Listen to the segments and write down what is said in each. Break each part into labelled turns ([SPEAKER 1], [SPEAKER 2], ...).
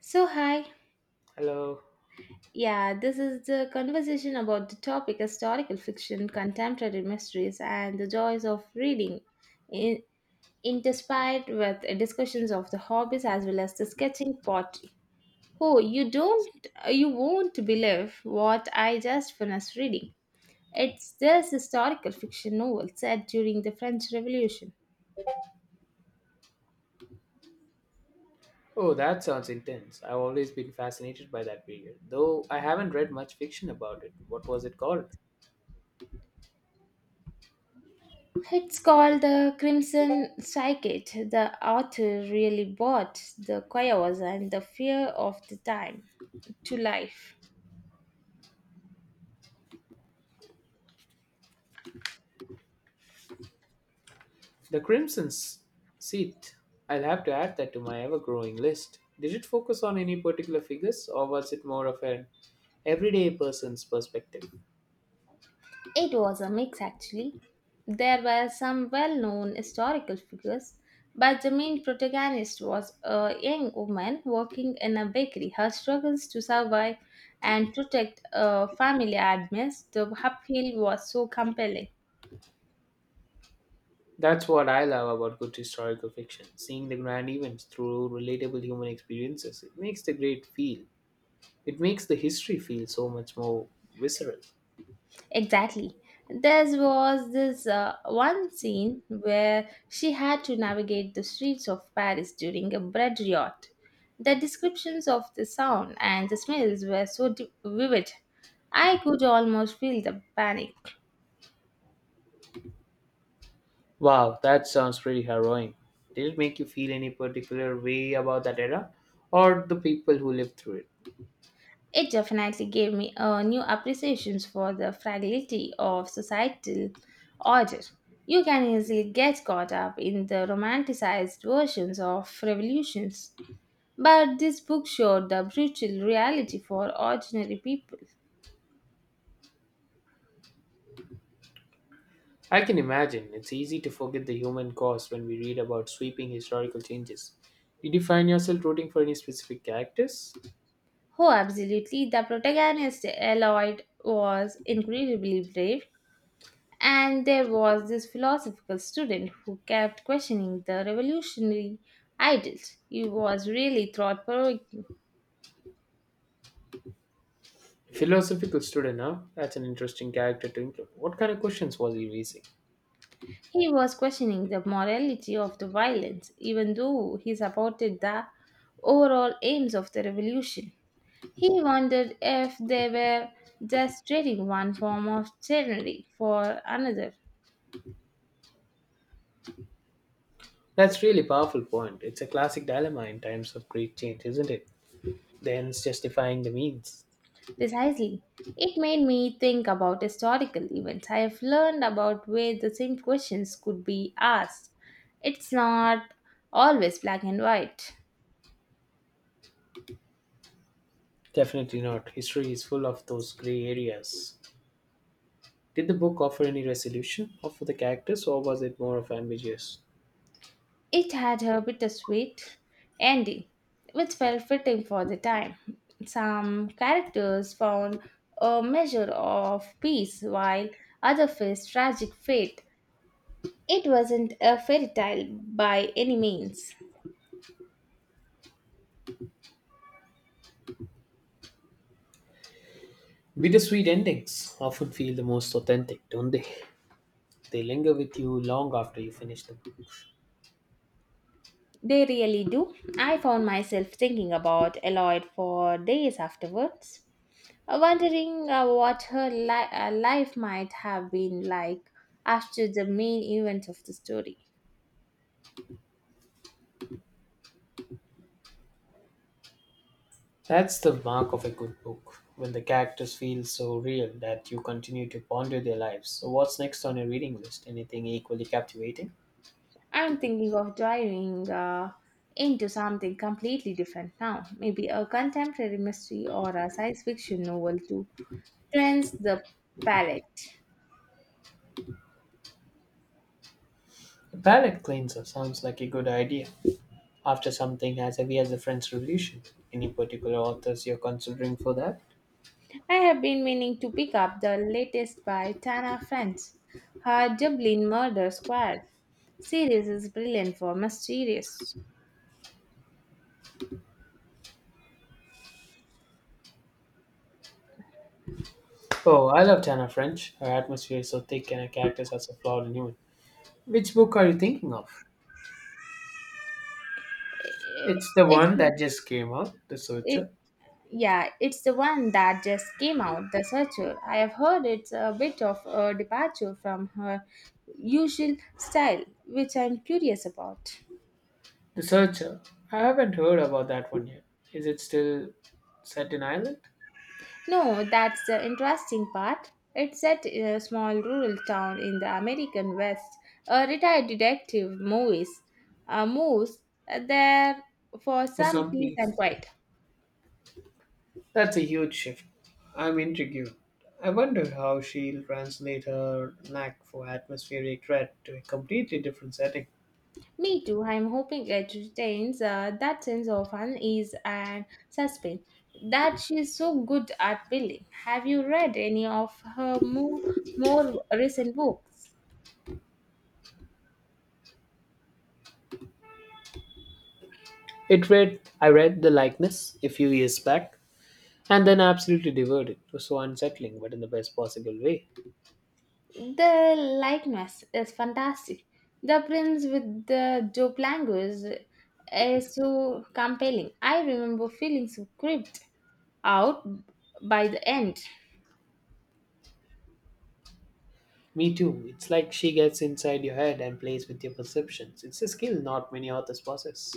[SPEAKER 1] So, hi.
[SPEAKER 2] Hello.
[SPEAKER 1] Yeah, this is the conversation about the topic historical fiction, contemporary mysteries, and the joys of reading, in, interspired with discussions of the hobbies as well as the sketching pottery. Oh,
[SPEAKER 2] Yes.
[SPEAKER 1] you won't believe what I just finished reading. It's this historical fiction novel set during the French Revolution.
[SPEAKER 2] Oh, that sounds intense. I've always been fascinated by that period, though I haven't read much fiction about it. What was it called?
[SPEAKER 1] It's called the Crimson Psychic. The author really brought the chaos and the fear of the time to life.
[SPEAKER 2] The Crimson S- Seat. I'll have to add that to my ever growing list. Did it focus on any particular figures, or was it more of an everyday person's perspective?
[SPEAKER 1] It was a mix, actually. There were some well known historical figures, but the main protagonist was a young woman working in a bakery. Her struggles to survive and protect a family amidst the upheaval was so compelling.
[SPEAKER 2] That's what I love about good historical fiction seeing the grand events through relatable human experiences. It makes the history feel so much more visceral.
[SPEAKER 1] Exactly. There was this one scene where she had to navigate the streets of Paris during a bread riot. The descriptions of the sound and the smells were so vivid, I could almost feel the panic.
[SPEAKER 2] Wow, that sounds pretty harrowing. Did it make you feel any particular way about that era or the people who lived through it?
[SPEAKER 1] It definitely gave me a new appreciation for the fragility of societal order. You can easily get caught up in the romanticized versions of revolutions. But this book showed the brutal reality for ordinary people.
[SPEAKER 2] I can imagine it's easy to forget the human cost when we read about sweeping historical changes. Did you find yourself rooting for any specific characters?
[SPEAKER 1] Oh, absolutely. The protagonist, Lloyd, was incredibly brave, and there was this philosophical student who kept questioning the revolutionary ideals. He was really thought provoking.
[SPEAKER 2] Philosophical student, huh? That's an interesting character to include. What kind of questions was he raising?
[SPEAKER 1] He was questioning the morality of the violence, even though he supported the overall aims of the revolution. He wondered if they were just trading one form of chivalry for another.
[SPEAKER 2] That's really powerful point. It's a classic dilemma in times of great change, isn't it? The ends justifying the means.
[SPEAKER 1] Precisely. It made me think about historical events I've learned about where the same questions could be asked. It's not always black and white.
[SPEAKER 2] Definitely not. History is full of those gray areas. Did the book offer any resolution for the characters, or was it more of ambiguous?
[SPEAKER 1] It had a bittersweet ending, which felt fitting for the time. Some characters found a measure of peace while others faced tragic fate. It wasn't a fairy tale by any means.
[SPEAKER 2] Bittersweet endings often feel the most authentic, don't they? They linger with you long after you finish the book.
[SPEAKER 1] They really do. I found myself thinking about Eloyd for days afterwards, wondering what her life might have been like after the main event of the story.
[SPEAKER 2] That's the mark of a good book, when the characters feel so real that you continue to ponder their lives. So, what's next on your reading list? Anything equally captivating?
[SPEAKER 1] I'm thinking of diving into something completely different now, maybe a contemporary mystery or a science fiction novel to cleanse the palette.
[SPEAKER 2] A palate cleanser sounds like a good idea. After something as heavy as the French Revolution, any particular authors you're considering for that?
[SPEAKER 1] I have been meaning to pick up the latest by Tana French. Her Dublin Murder Squad series is brilliant for mysterious.
[SPEAKER 2] Oh, I loved Hannah French. Her atmosphere is so thick and her characters are so flawed and human. Which book are you thinking of? It's the
[SPEAKER 1] It,
[SPEAKER 2] one that just came out, The
[SPEAKER 1] it,
[SPEAKER 2] Searcher.
[SPEAKER 1] yeah, it's the one that just came out, The Searcher. I have heard it's a bit of a departure from her usual style, which I'm curious about.
[SPEAKER 2] The Searcher. I haven't heard about that one yet. Is it still set in Ireland?
[SPEAKER 1] No, that's the interesting part. It's set in a small rural town in the American West. A retired detective moves there for
[SPEAKER 2] For
[SPEAKER 1] some
[SPEAKER 2] some
[SPEAKER 1] peace and
[SPEAKER 2] piece.
[SPEAKER 1] quiet.
[SPEAKER 2] That's a huge shift. I'm intrigued. I wonder how she'll translate her knack for atmospheric dread to a completely different setting.
[SPEAKER 1] Me too. I'm hoping it retains that sense of unease and suspense that she's so good at building. Have you read any of her more recent books?
[SPEAKER 2] It read I read The Likeness a few years back and then absolutely devoured it. It was so unsettling, but in the best possible way.
[SPEAKER 1] The likeness is fantastic. The prince with the dope language is so compelling. I remember feeling so creeped out by the end.
[SPEAKER 2] Me too. It's like she gets inside your head and plays with your perceptions. It's a skill not many authors possess.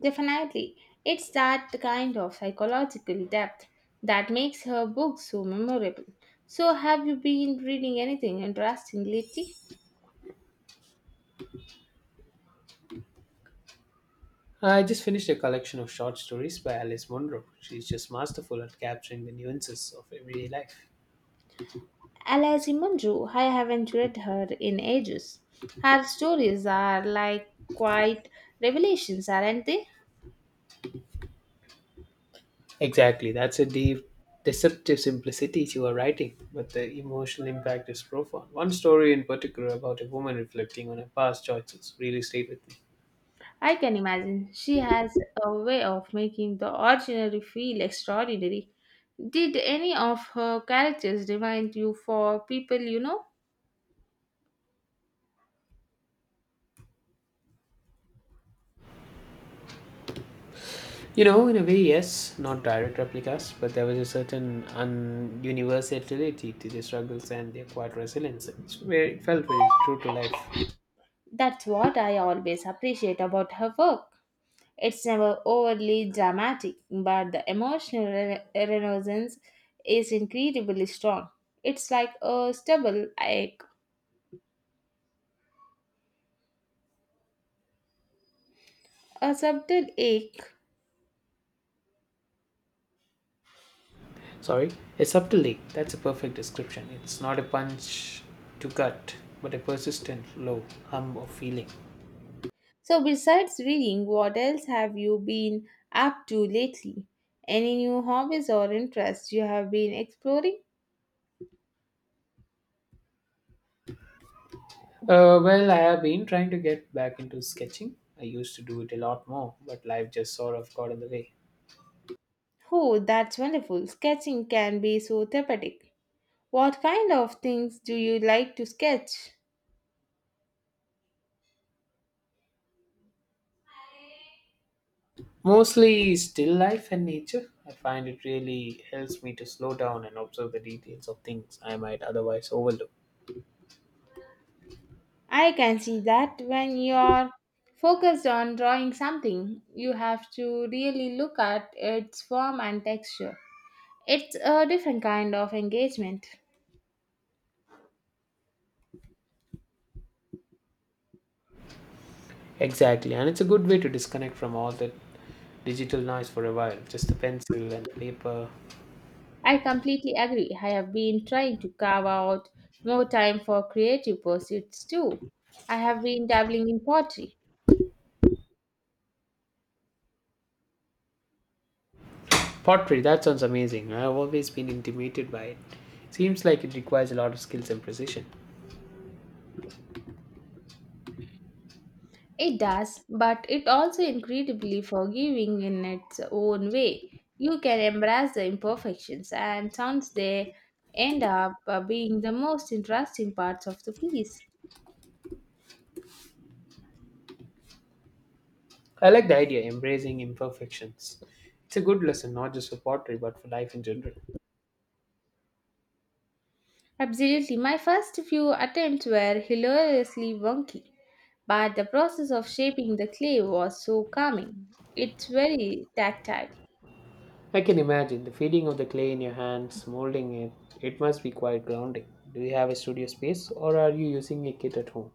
[SPEAKER 1] Definitely, it's that kind of psychological depth that makes her book so memorable. So, have you been reading anything interesting lately?
[SPEAKER 2] I just finished a collection of short stories by Alice Munro. She's just masterful at capturing the nuances of everyday life.
[SPEAKER 1] Alessi Munro, I haven't read her in ages. Her stories are like quite revelations, aren't they?
[SPEAKER 2] Exactly, that's a deep, deceptive simplicity to her writing, but the emotional impact is profound. One story in particular about a woman reflecting on her past choices really stayed with me.
[SPEAKER 1] I can imagine. She has a way of making the ordinary feel extraordinary. Did any of her characters remind you for people you know?
[SPEAKER 2] You know, in a way, yes, not direct replicas, but there was a certain universality to their struggles and their quiet resilience, it's where it felt very true to life.
[SPEAKER 1] That's what I always appreciate about her work. It's never overly dramatic, but the emotional renaissance is incredibly strong. It's like a subtle ache.
[SPEAKER 2] Sorry, a subtlety, that's a perfect description. It's not a punch to cut, but a persistent, low hum of feeling.
[SPEAKER 1] So, besides reading, what else have you been up to lately? Any new hobbies or interests you have been exploring?
[SPEAKER 2] Well, I have been trying to get back into sketching. I used to do it a lot more, but life just sort of got in the way.
[SPEAKER 1] Oh, that's wonderful. Sketching can be so therapeutic. What kind of things do you like to sketch?
[SPEAKER 2] Mostly still life and nature. I find it really helps me to slow down and observe the details of things I might otherwise overlook.
[SPEAKER 1] I can see that when you're focused on drawing something, you have to really look at its form and texture. It's a different kind of engagement.
[SPEAKER 2] Exactly, and it's a good way to disconnect from all that digital noise for a while. Just the pencil and the paper.
[SPEAKER 1] I completely agree. I have been trying to carve out more time for creative pursuits too. I have been dabbling in pottery.
[SPEAKER 2] Pottery, that sounds amazing. I've always been intimidated by it. Seems like it requires a lot of skills and precision.
[SPEAKER 1] It does, but it also incredibly forgiving in its own way. You can embrace the imperfections, and sounds they end up being the most interesting parts of the piece.
[SPEAKER 2] I like the idea, embracing imperfections. It's a good lesson, not just for pottery, but for life in general.
[SPEAKER 1] Absolutely. My first few attempts were hilariously wonky, but the process of shaping the clay was so calming. It's very tactile.
[SPEAKER 2] I can imagine the feeling of the clay in your hands, molding it. It must be quite grounding. Do you have a studio space or are you using a kit at home?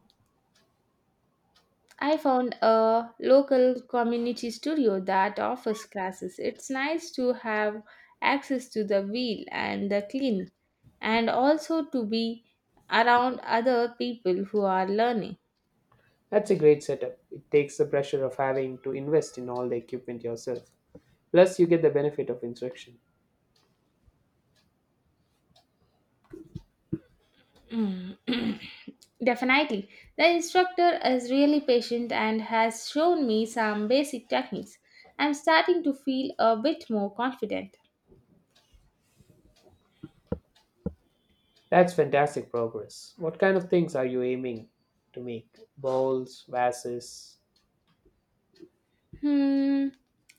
[SPEAKER 1] I found a local community studio that offers classes. It's nice to have access to the wheel and the clean, and also to be around other people who are learning.
[SPEAKER 2] That's a great setup. It takes the pressure of having to invest in all the equipment yourself. Plus, you get the benefit of instruction.
[SPEAKER 1] Mm. Definitely. The instructor is really patient and has shown me some basic techniques. I'm starting to feel a bit more confident.
[SPEAKER 2] That's fantastic progress. What kind of things are you aiming to make? Bowls, vases?
[SPEAKER 1] Hmm.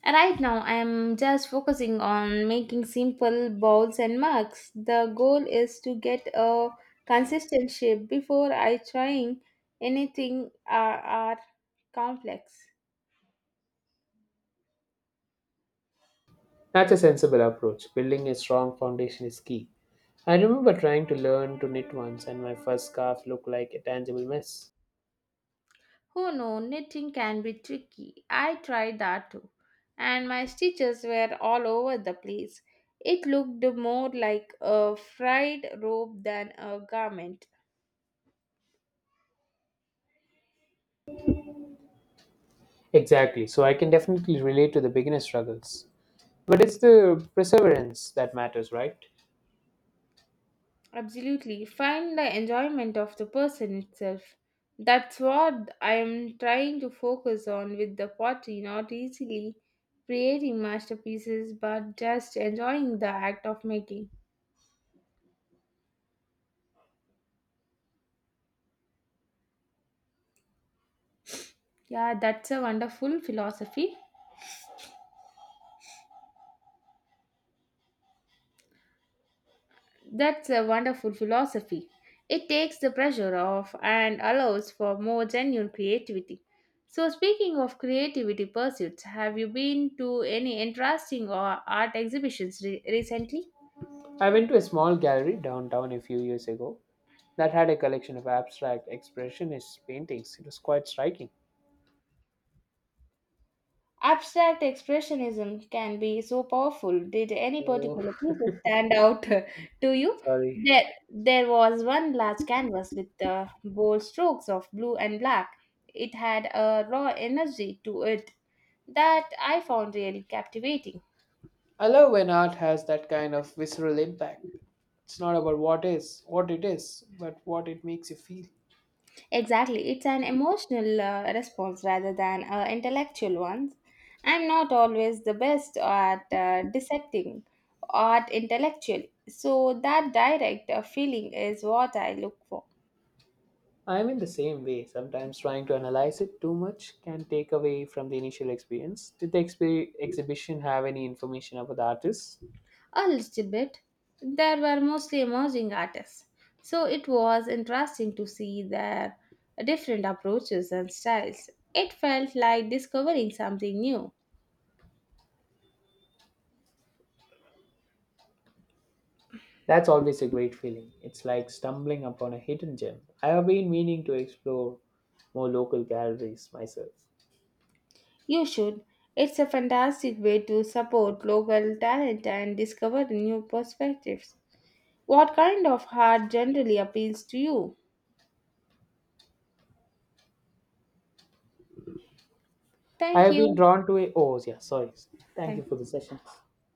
[SPEAKER 1] Right now, I'm just focusing on making simple bowls and mugs. The goal is to get a consistent shape before I trying anything are complex.
[SPEAKER 2] That's a sensible approach. Building a strong foundation is key. I remember trying to learn to knit once, and my first scarf looked like a tangible mess.
[SPEAKER 1] Oh no, knitting can be tricky. I tried that too, and my stitches were all over the place. It looked more like a fried robe than a garment.
[SPEAKER 2] Exactly. So I can definitely relate to the beginner struggles. But it's the perseverance that matters, right?
[SPEAKER 1] Absolutely, find the enjoyment of the person itself. That's what I am trying to focus on with the pottery, not easily creating masterpieces, but just enjoying the act of making. Yeah, that's a wonderful philosophy. That's a wonderful philosophy. It takes the pressure off and allows for more genuine creativity. So, speaking of creativity pursuits, have you been to any interesting or art exhibitions recently?
[SPEAKER 2] I went to a small gallery downtown a few years ago that had a collection of abstract expressionist paintings. It was quite striking.
[SPEAKER 1] Abstract expressionism can be so powerful. Did any
[SPEAKER 2] Oh,
[SPEAKER 1] particular pieces stand out to you?
[SPEAKER 2] sorry.
[SPEAKER 1] There, there was one large canvas with bold strokes of blue and black. It had a raw energy to it that I found really captivating.
[SPEAKER 2] I love when art has that kind of visceral impact. It's not about what is, what it is, but what it makes you feel.
[SPEAKER 1] Exactly, it's an emotional response rather than an intellectual one. I'm not always the best at dissecting art intellectually, so that direct feeling is what I look for.
[SPEAKER 2] I'm in the same way. Sometimes trying to analyze it too much can take away from the initial experience. Did the exhibition have any information about the artist?
[SPEAKER 1] A little bit. There were mostly emerging artists, so it was interesting to see their different approaches and styles. It felt like discovering something new.
[SPEAKER 2] That's always a great feeling. It's like stumbling upon a hidden gem. I have been meaning to explore more local galleries myself.
[SPEAKER 1] You should. It's a fantastic way to support local talent and discover new perspectives. What kind of art generally appeals to you?
[SPEAKER 2] I
[SPEAKER 1] Thank
[SPEAKER 2] have been
[SPEAKER 1] you.
[SPEAKER 2] drawn to a. Oh, yeah, sorry. Thank
[SPEAKER 1] Thank
[SPEAKER 2] you for the session.